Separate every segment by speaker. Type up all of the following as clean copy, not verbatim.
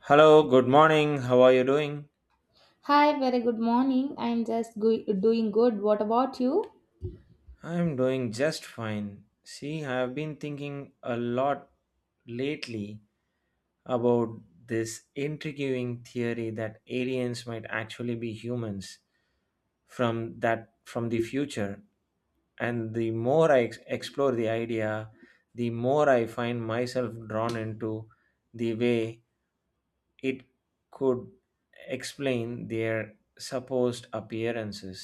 Speaker 1: Hello, good morning. How are you doing?
Speaker 2: Hi, very good morning. I'm doing good. What about you?
Speaker 1: I'm doing just fine. See, I've been thinking a lot lately about this intriguing theory that aliens might actually be humans from the future. And the more I explore the idea, the more I find myself drawn into the way it could explain their supposed appearances,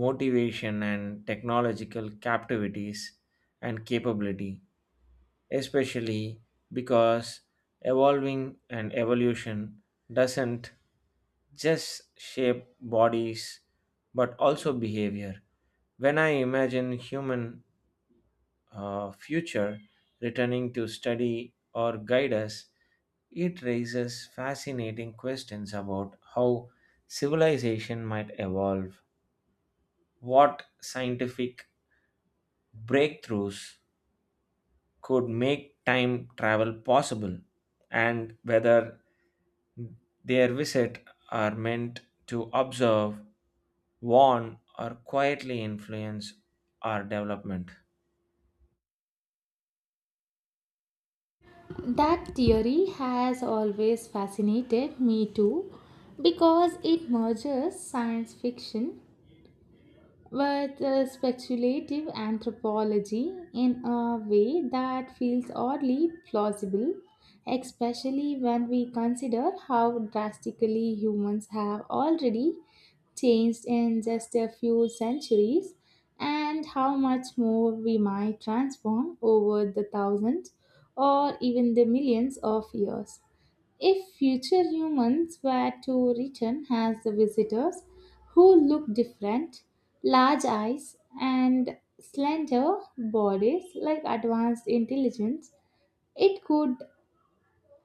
Speaker 1: motivation and technological captivities and capability, especially because evolving and evolution doesn't just shape bodies but also behavior. When I imagine human future returning to study or guide us, it raises fascinating questions about how civilization might evolve, what scientific breakthroughs could make time travel possible, and whether their visit are meant to observe, warn, or quietly influence our development.
Speaker 2: That theory has always fascinated me too because it merges science fiction but speculative anthropology in a way that feels oddly plausible, especially when we consider how drastically humans have already changed in just a few centuries and how much more we might transform over the thousands or even the millions of years. If future humans were to return as the visitors who look different, large eyes, and slender bodies like advanced intelligence, it could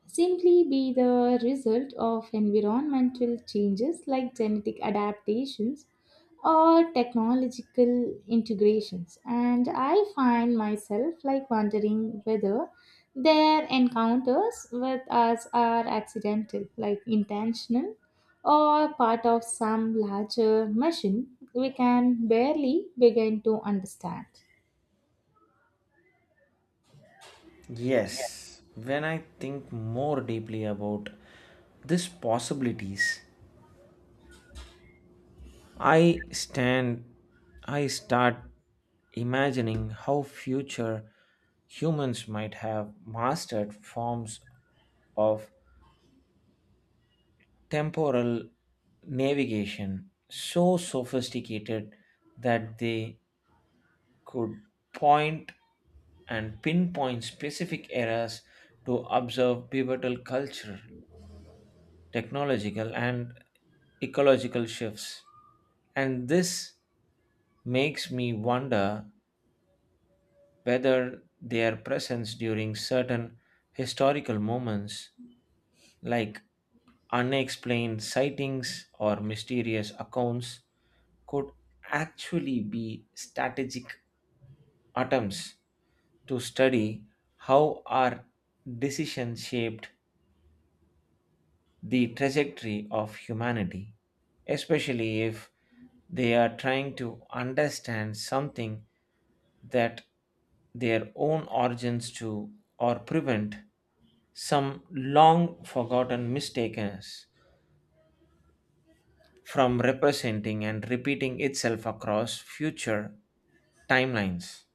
Speaker 2: simply be the result of environmental changes like genetic adaptations or technological integrations. And I find myself like wondering whether their encounters with us are accidental like intentional or part of some larger machine we can barely begin to understand.
Speaker 1: Yes, when I think more deeply about these possibilities, I stand, I start imagining how future humans might have mastered forms of temporal navigation so sophisticated that they could point and pinpoint specific eras to observe pivotal cultural, technological, and ecological shifts. And this makes me wonder whether their presence during certain historical moments, like unexplained sightings or mysterious accounts, could actually be strategic attempts to study how our decisions shaped the trajectory of humanity, especially if they are trying to understand something that their own origins to or prevent some long forgotten mistakes from representing and repeating itself across future timelines.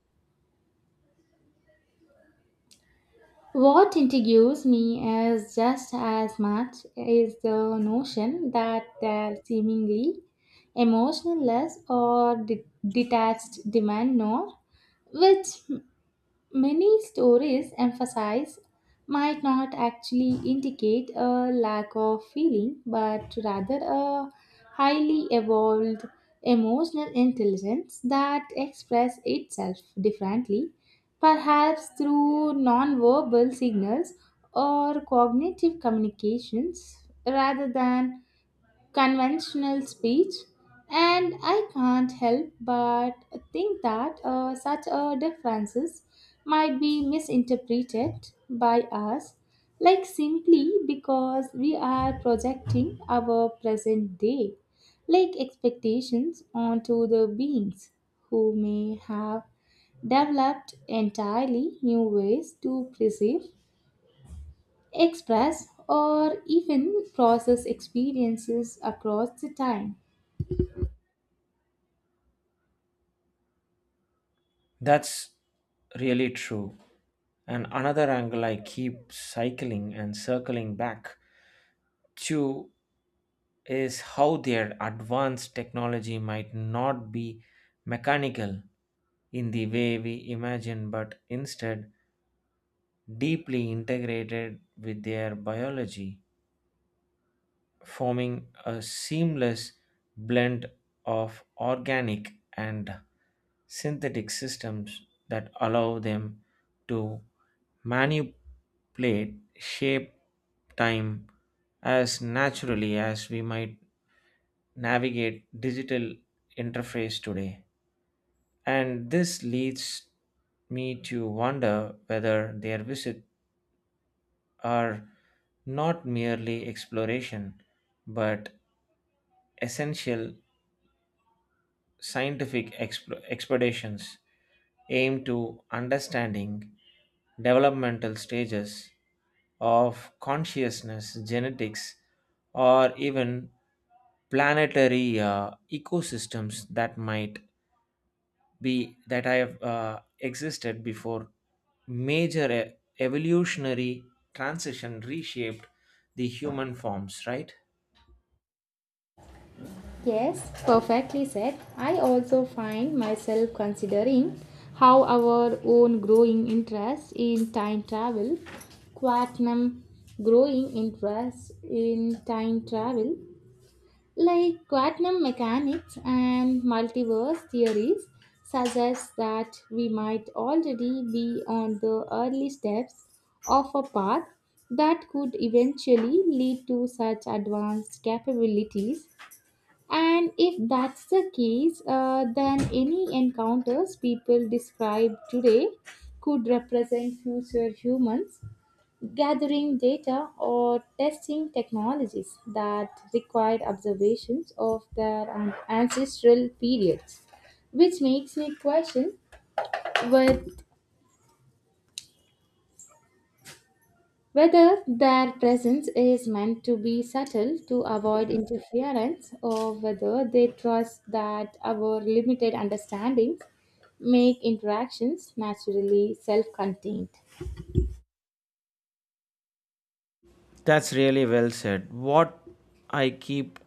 Speaker 2: What intrigues me as just as much is the notion that their seemingly emotionless or detached demand nor, which many stories emphasize, might not actually indicate a lack of feeling, but rather a highly evolved emotional intelligence that expresses itself differently, perhaps through nonverbal signals or cognitive communications rather than conventional speech. And I can't help but think that such differences might be misinterpreted by us like simply because we are projecting our present day like expectations onto the beings who may have developed entirely new ways to perceive, express, or even process experiences across the time.
Speaker 1: That's really true. And another angle I keep cycling and circling back to is how their advanced technology might not be mechanical in the way we imagine, but instead deeply integrated with their biology, forming a seamless blend of organic and synthetic systems that allow them to manipulate shape time as naturally as we might navigate digital interface today. And this leads me to wonder whether their visits are not merely exploration but essential scientific expeditions aim to understanding developmental stages of consciousness, genetics, or even planetary ecosystems that might be that I have existed before major evolutionary transition reshaped the human forms, right?
Speaker 2: Yes, perfectly said. I also find myself considering how our own growing interest in time travel, quantum growing interest in time travel, like quantum mechanics and multiverse theories, suggest that we might already be on the early steps of a path that could eventually lead to such advanced capabilities. And if that's the case, then any encounters people describe today could represent future humans gathering data or testing technologies that required observations of their ancestral periods, which makes me question with whether their presence is meant to be subtle to avoid interference or whether they trust that our limited understandings make interactions naturally self contained.
Speaker 1: That's really well said. What I keep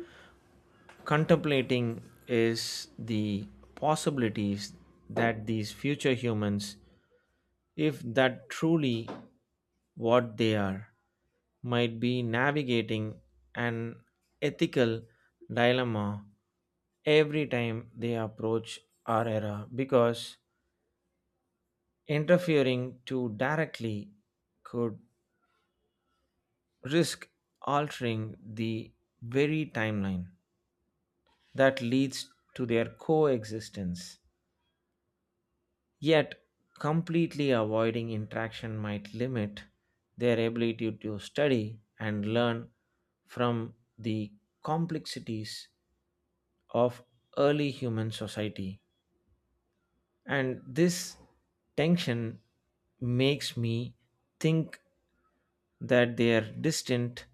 Speaker 1: contemplating is the possibilities that these future humans, if that truly what they are, might be navigating an ethical dilemma every time they approach our era because interfering too directly could risk altering the very timeline that leads to their coexistence. Yet, completely avoiding interaction might limit their ability to study and learn from the complexities of early human society. And this tension makes me think that their distant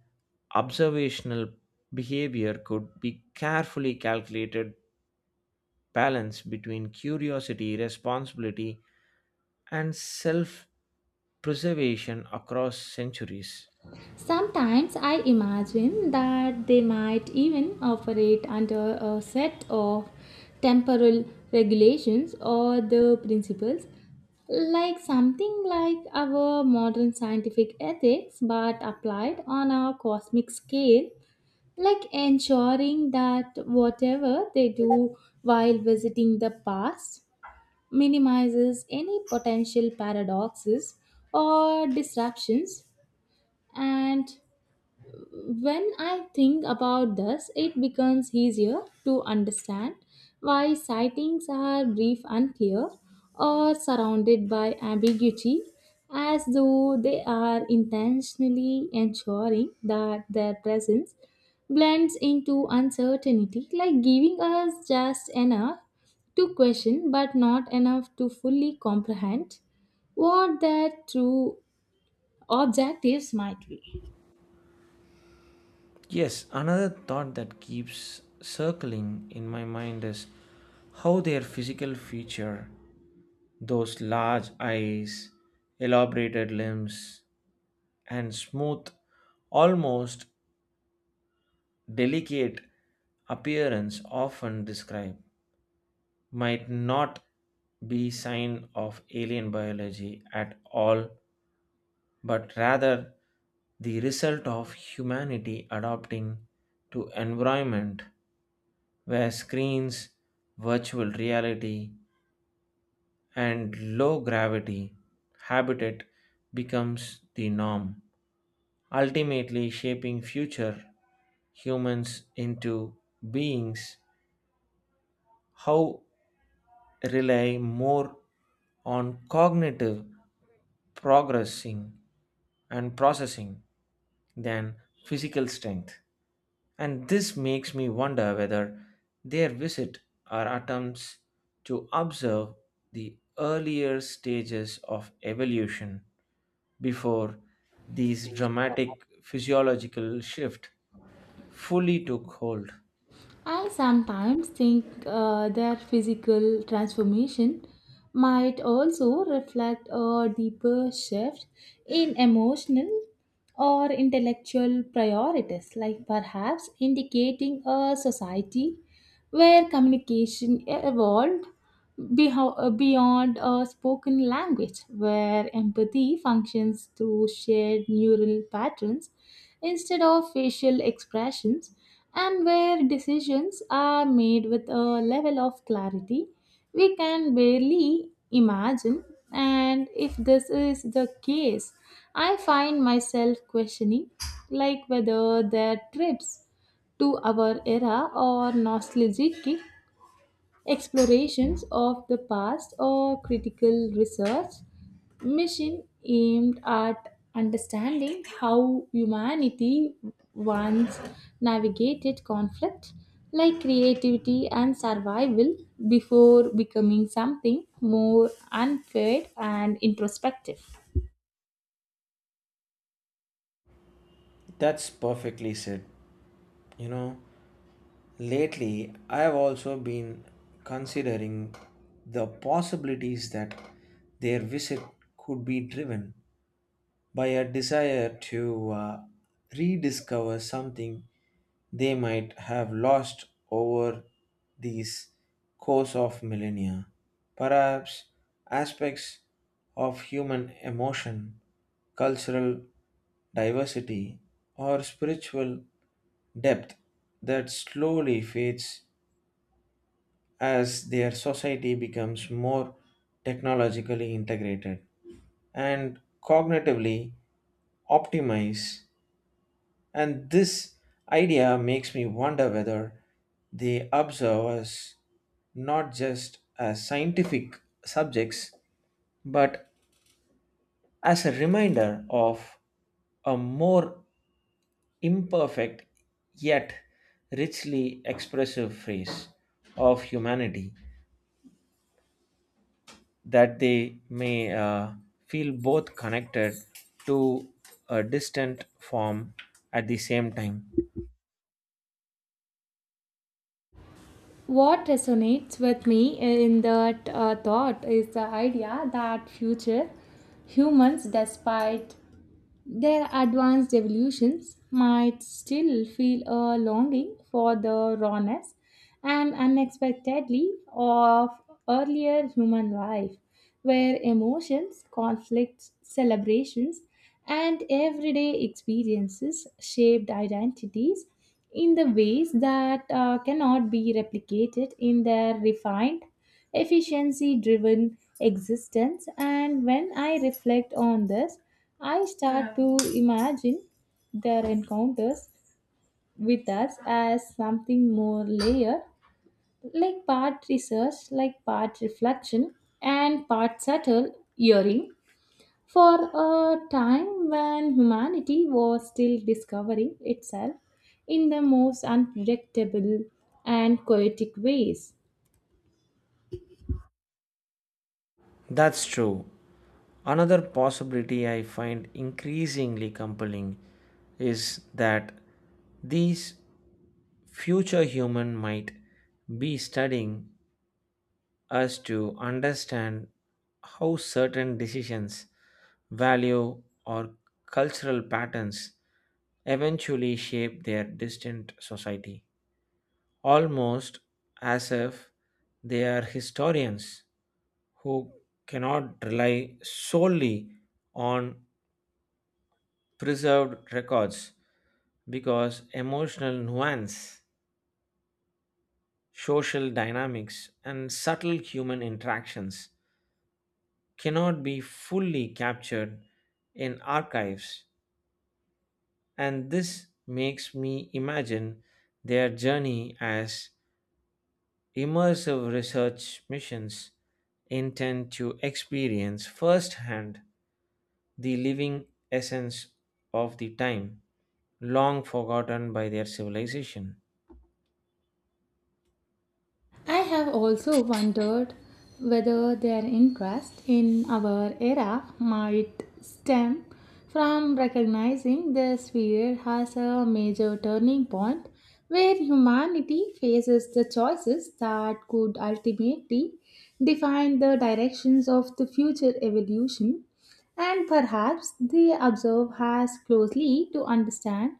Speaker 1: observational behavior could be carefully calculated balance between curiosity, responsibility, and self preservation across centuries.
Speaker 2: Sometimes I imagine that they might even operate under a set of temporal regulations or the principles, like something like our modern scientific ethics but applied on a cosmic scale, like ensuring that whatever they do while visiting the past minimizes any potential paradoxes or disruptions. And when I think about this, it becomes easier to understand why sightings are brief and clear or surrounded by ambiguity, as though they are intentionally ensuring that their presence blends into uncertainty, like giving us just enough to question but not enough to fully comprehend what their true objectives might be.
Speaker 1: Yes, another thought that keeps circling in my mind is how their physical feature, those large eyes, elaborated limbs, and smooth, almost delicate appearance often describe, might not be sign of alien biology at all but rather the result of humanity adapting to environment where screens, virtual reality, and low gravity habitat becomes the norm, ultimately shaping future humans into beings how rely more on cognitive progressing and processing than physical strength. And this makes me wonder whether their visit are attempts to observe the earlier stages of evolution before these dramatic physiological shift fully took hold.
Speaker 2: I sometimes think their physical transformation might also reflect a deeper shift in emotional or intellectual priorities, like perhaps indicating a society where communication evolved beyond a spoken language, where empathy functions through shared neural patterns instead of facial expressions, and where decisions are made with a level of clarity we can barely imagine. And if this is the case, I find myself questioning like whether their trips to our era or nostalgic explorations of the past or critical research mission aimed at understanding how humanity once navigated conflict like creativity and survival before becoming something more unfair and introspective.
Speaker 1: That's perfectly said. You know, lately I have also been considering the possibilities that their visit could be driven by a desire to rediscover something they might have lost over these course of millennia. Perhaps aspects of human emotion, cultural diversity, or spiritual depth that slowly fades as their society becomes more technologically integrated and cognitively optimized. And this idea makes me wonder whether they observe us not just as scientific subjects, but as a reminder of a more imperfect yet richly expressive phase of humanity that they may feel both connected to a distant form at the same time.
Speaker 2: What resonates with me in that thought is the idea that future humans, despite their advanced evolutions, might still feel a longing for the rawness and unexpectedly of earlier human life, where emotions, conflicts, celebrations, and everyday experiences shaped identities in the ways that cannot be replicated in their refined efficiency driven existence. And when I reflect on this, I start to imagine their encounters with us as something more layered, like part research, like part reflection, and part subtle hearing. For a time when humanity was still discovering itself in the most unpredictable and poetic ways.
Speaker 1: That's true. Another possibility I find increasingly compelling is that these future human might be studying us to understand how certain decisions, value or cultural patterns eventually shape their distant society, almost as if they are historians who cannot rely solely on preserved records because emotional nuance, social dynamics, and subtle human interactions cannot be fully captured in archives, and this makes me imagine their journey as immersive research missions intend to experience firsthand the living essence of the time long forgotten by their civilization.
Speaker 2: I have also wondered whether their interest in our era might stem from recognizing this period as a major turning point where humanity faces the choices that could ultimately define the directions of the future evolution, and perhaps they observe us closely to understand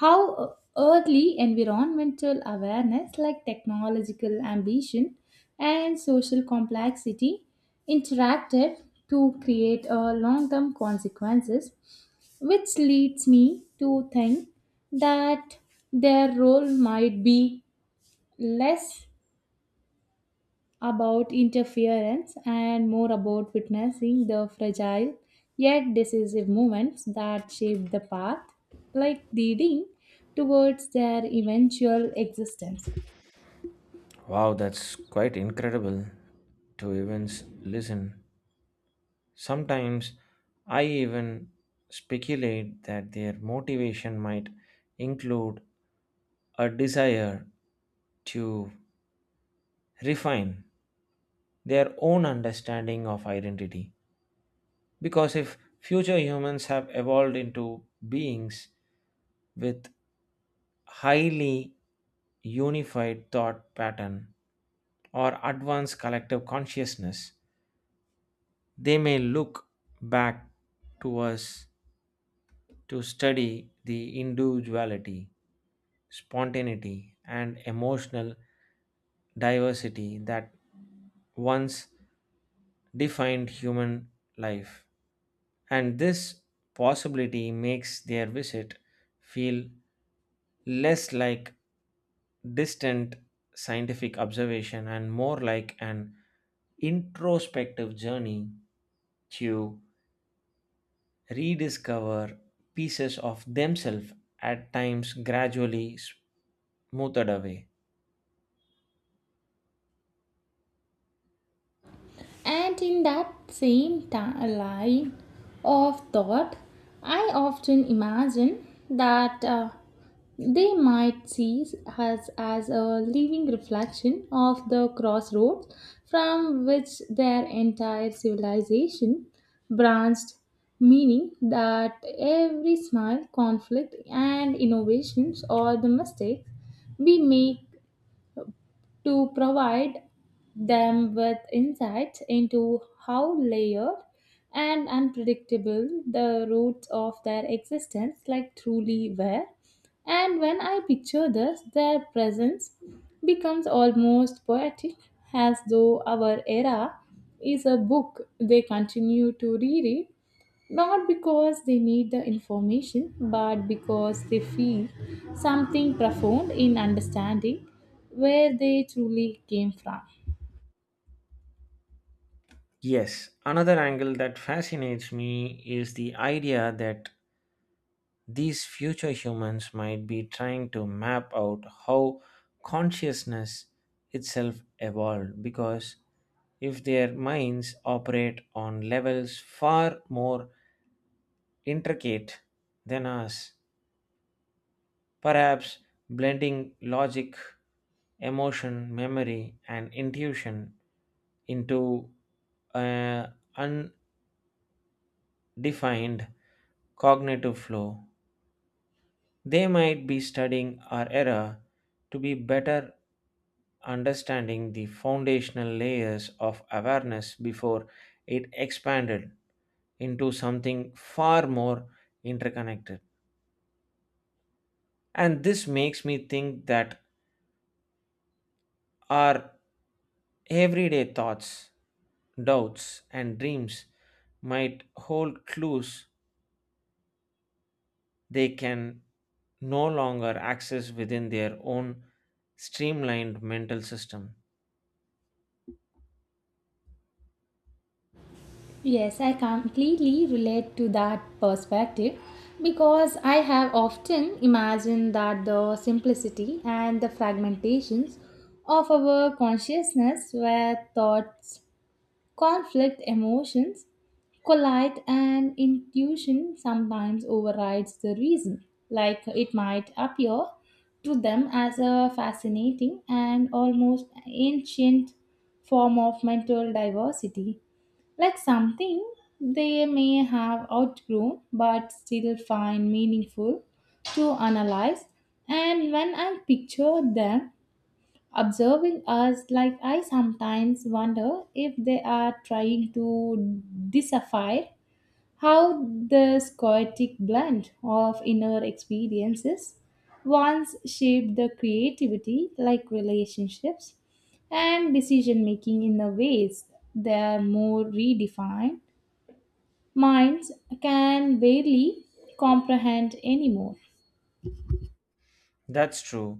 Speaker 2: how earthly environmental awareness like technological ambition and social complexity interacted to create a long-term consequences, which leads me to think that their role might be less about interference and more about witnessing the fragile yet decisive moments that shaped the path, like leading towards their eventual existence.
Speaker 1: Wow, that's quite incredible to even listen. Sometimes I even speculate that their motivation might include a desire to refine their own understanding of identity. Because if future humans have evolved into beings with highly unified thought pattern or advanced collective consciousness, they may look back to us to study the individuality, spontaneity, and emotional diversity that once defined human life. And this possibility makes their visit feel less like distant scientific observation and more like an introspective journey to rediscover pieces of themselves at times gradually smoothed away.
Speaker 2: And in that same line of thought, I often imagine that they might see us as a living reflection of the crossroads from which their entire civilization branched, meaning that every smile, conflict, and innovations or the mistakes we make to provide them with insights into how layered and unpredictable the roots of their existence like truly were. And when I picture this, their presence becomes almost poetic, as though our era is a book they continue to reread not because they need the information, but because they feel something profound in understanding where they truly came from.
Speaker 1: Yes, another angle that fascinates me is the idea that these future humans might be trying to map out how consciousness itself evolved because if their minds operate on levels far more intricate than us, perhaps blending logic, emotion, memory, and intuition into an undefined cognitive flow. They might be studying our era to be better understanding the foundational layers of awareness before it expanded into something far more interconnected. And this makes me think that our everyday thoughts, doubts, and dreams might hold clues they can no longer access within their own streamlined mental system.
Speaker 2: Yes, I completely relate to that perspective because I have often imagined that the simplicity and the fragmentations of our consciousness were thoughts. Conflict emotions collide and intuition sometimes overrides the reason. Like it might appear to them as a fascinating and almost ancient form of mental diversity, like something they may have outgrown but still find meaningful to analyze. And when I picture them observing us, like I sometimes wonder if they are trying to decipher how the scoic blend of inner experiences once shaped the creativity like relationships and decision making in the ways their more redefined minds can barely comprehend anymore.
Speaker 1: That's true.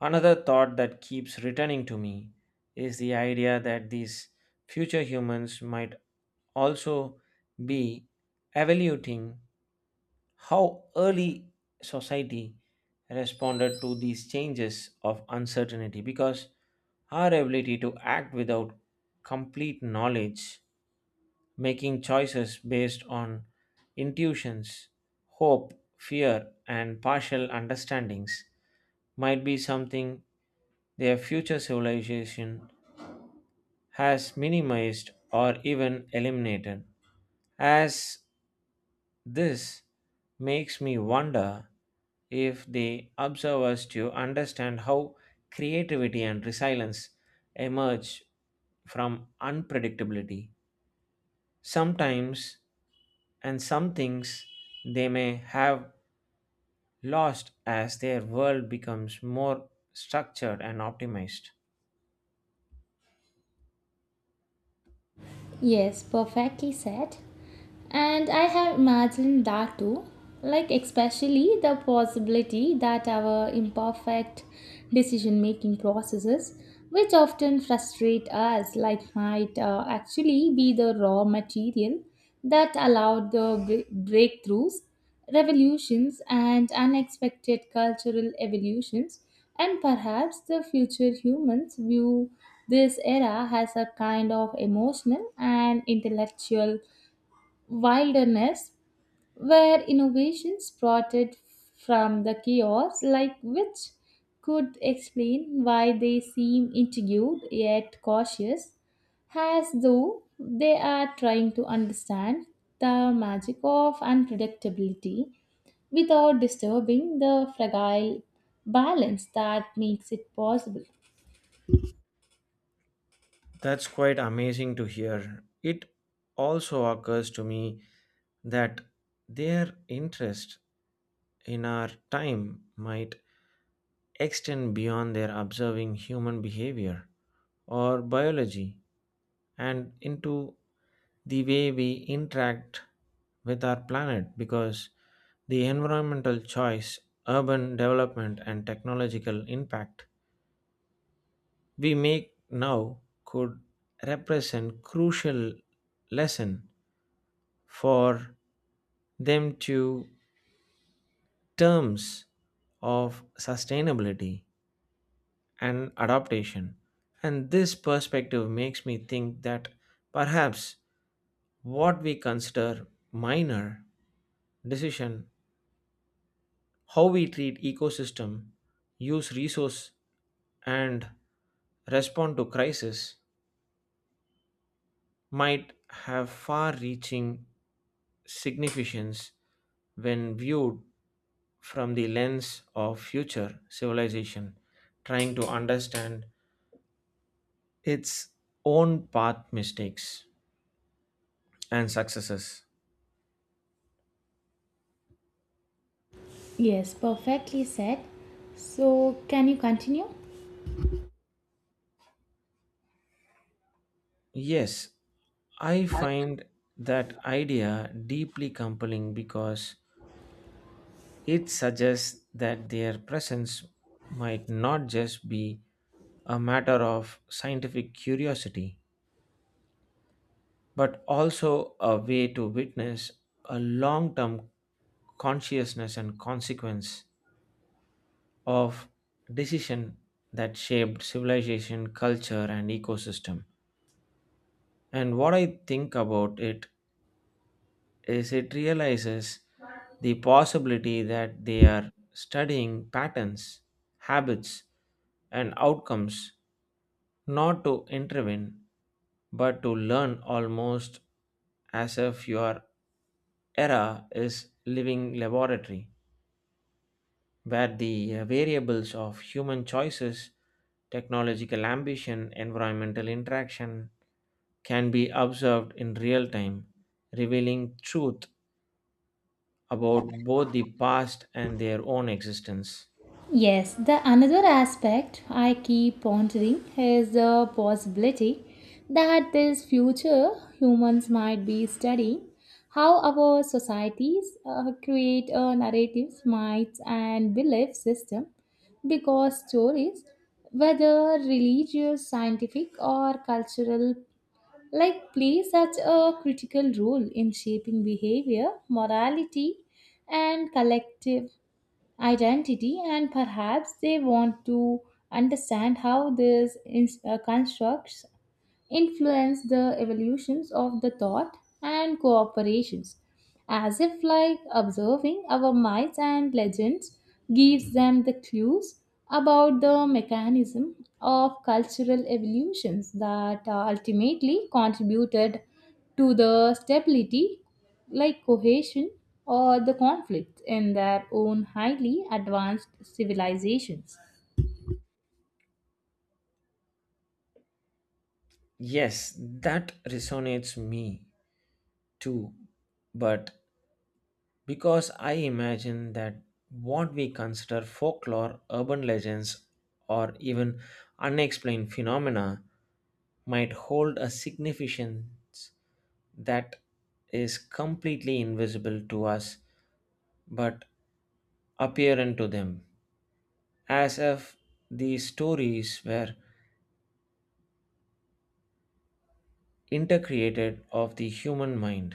Speaker 1: Another thought that keeps returning to me is the idea that these future humans might also be evaluating how early society responded to these changes of uncertainty because our ability to act without complete knowledge, making choices based on intuitions, hope, fear, and partial understandings, might be something their future civilization has minimized or even eliminated. As this makes me wonder if they observe us to understand how creativity and resilience emerge from unpredictability. Sometimes, and some things, they may have lost as their world becomes more structured and optimized.
Speaker 2: Yes, perfectly said. And I have imagined that too, like especially the possibility that our imperfect decision making processes, which often frustrate us, like might actually be the raw material that allowed the breakthroughs revolutions and unexpected cultural evolutions, and perhaps the future humans view this era as a kind of emotional and intellectual wilderness where innovations sprouted from the chaos, like which could explain why they seem intrigued yet cautious, as though they are trying to understand the magic of unpredictability without disturbing the fragile balance that makes it possible.
Speaker 1: That's quite amazing to hear. It also occurs to me that their interest in our time might extend beyond their observing human behavior or biology and into the way we interact with our planet because the environmental choice, urban development, and technological impact we make now could represent crucial lesson for them to terms of sustainability and adaptation. And this perspective makes me think that perhaps what we consider minor decision, how we treat ecosystem, use resource and respond to crisis might have far-reaching significance when viewed from the lens of future civilization trying to understand its own path mistakes and successes.
Speaker 2: Yes, perfectly said. So, can you continue?
Speaker 1: Yes, I find that idea deeply compelling because it suggests that their presence might not just be a matter of scientific curiosity, but also a way to witness a long term consciousness and consequence of decision that shaped civilization, culture, and ecosystem. And what I think about it is it realizes the possibility that they are studying patterns, habits, and outcomes not to intervene but to learn almost as if your era is living laboratory where the variables of human choices technological ambition environmental interaction can be observed in real time revealing truth about both the past and their own existence.
Speaker 2: Yes, the another aspect I keep pondering is the possibility that this future humans might be studying how our societies create narratives, myths, and belief system because stories, whether religious, scientific, or cultural, like play such a critical role in shaping behavior, morality, and collective identity, and perhaps they want to understand how these constructs influence the evolutions of the thought and cooperations, as if like observing our myths and legends gives them the clues about the mechanism of cultural evolutions that ultimately contributed to the stability like cohesion or the conflict in their own highly advanced civilizations.
Speaker 1: Yes, that resonates me too. But because I imagine that what we consider folklore, urban legends, or even unexplained phenomena might hold a significance that is completely invisible to us but apparent to them, as if these stories were intercreated of the human mind,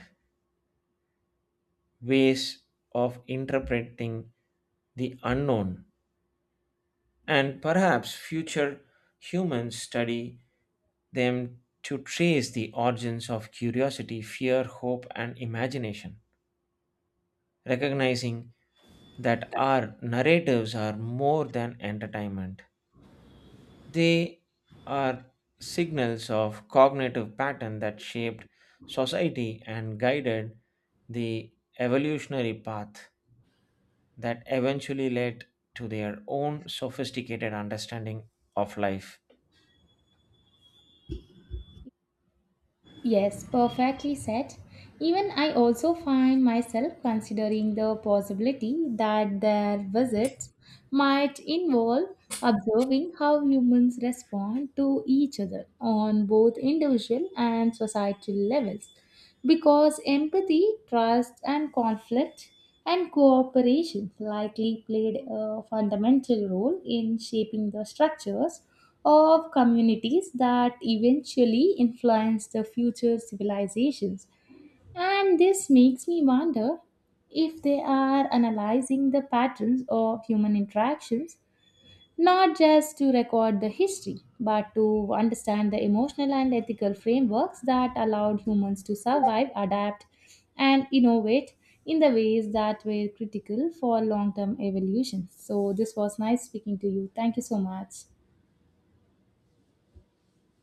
Speaker 1: ways of interpreting the unknown, and perhaps future humans study them to trace the origins of curiosity, fear, hope, and imagination, recognizing that our narratives are more than entertainment. They are signals of cognitive pattern that shaped society and guided the evolutionary path that eventually led to their own sophisticated understanding of life.
Speaker 2: Yes, perfectly said. Even I also find myself considering the possibility that their visits might involve observing how humans respond to each other on both individual and societal levels because empathy, trust, and conflict and cooperation likely played a fundamental role in shaping the structures of communities that eventually influenced the future civilizations. And this makes me wonder if they are analyzing the patterns of human interactions not just to record the history, but to understand the emotional and ethical frameworks that allowed humans to survive, adapt, and innovate in the ways that were critical for long term evolution. So, this was nice speaking to you. Thank you so much.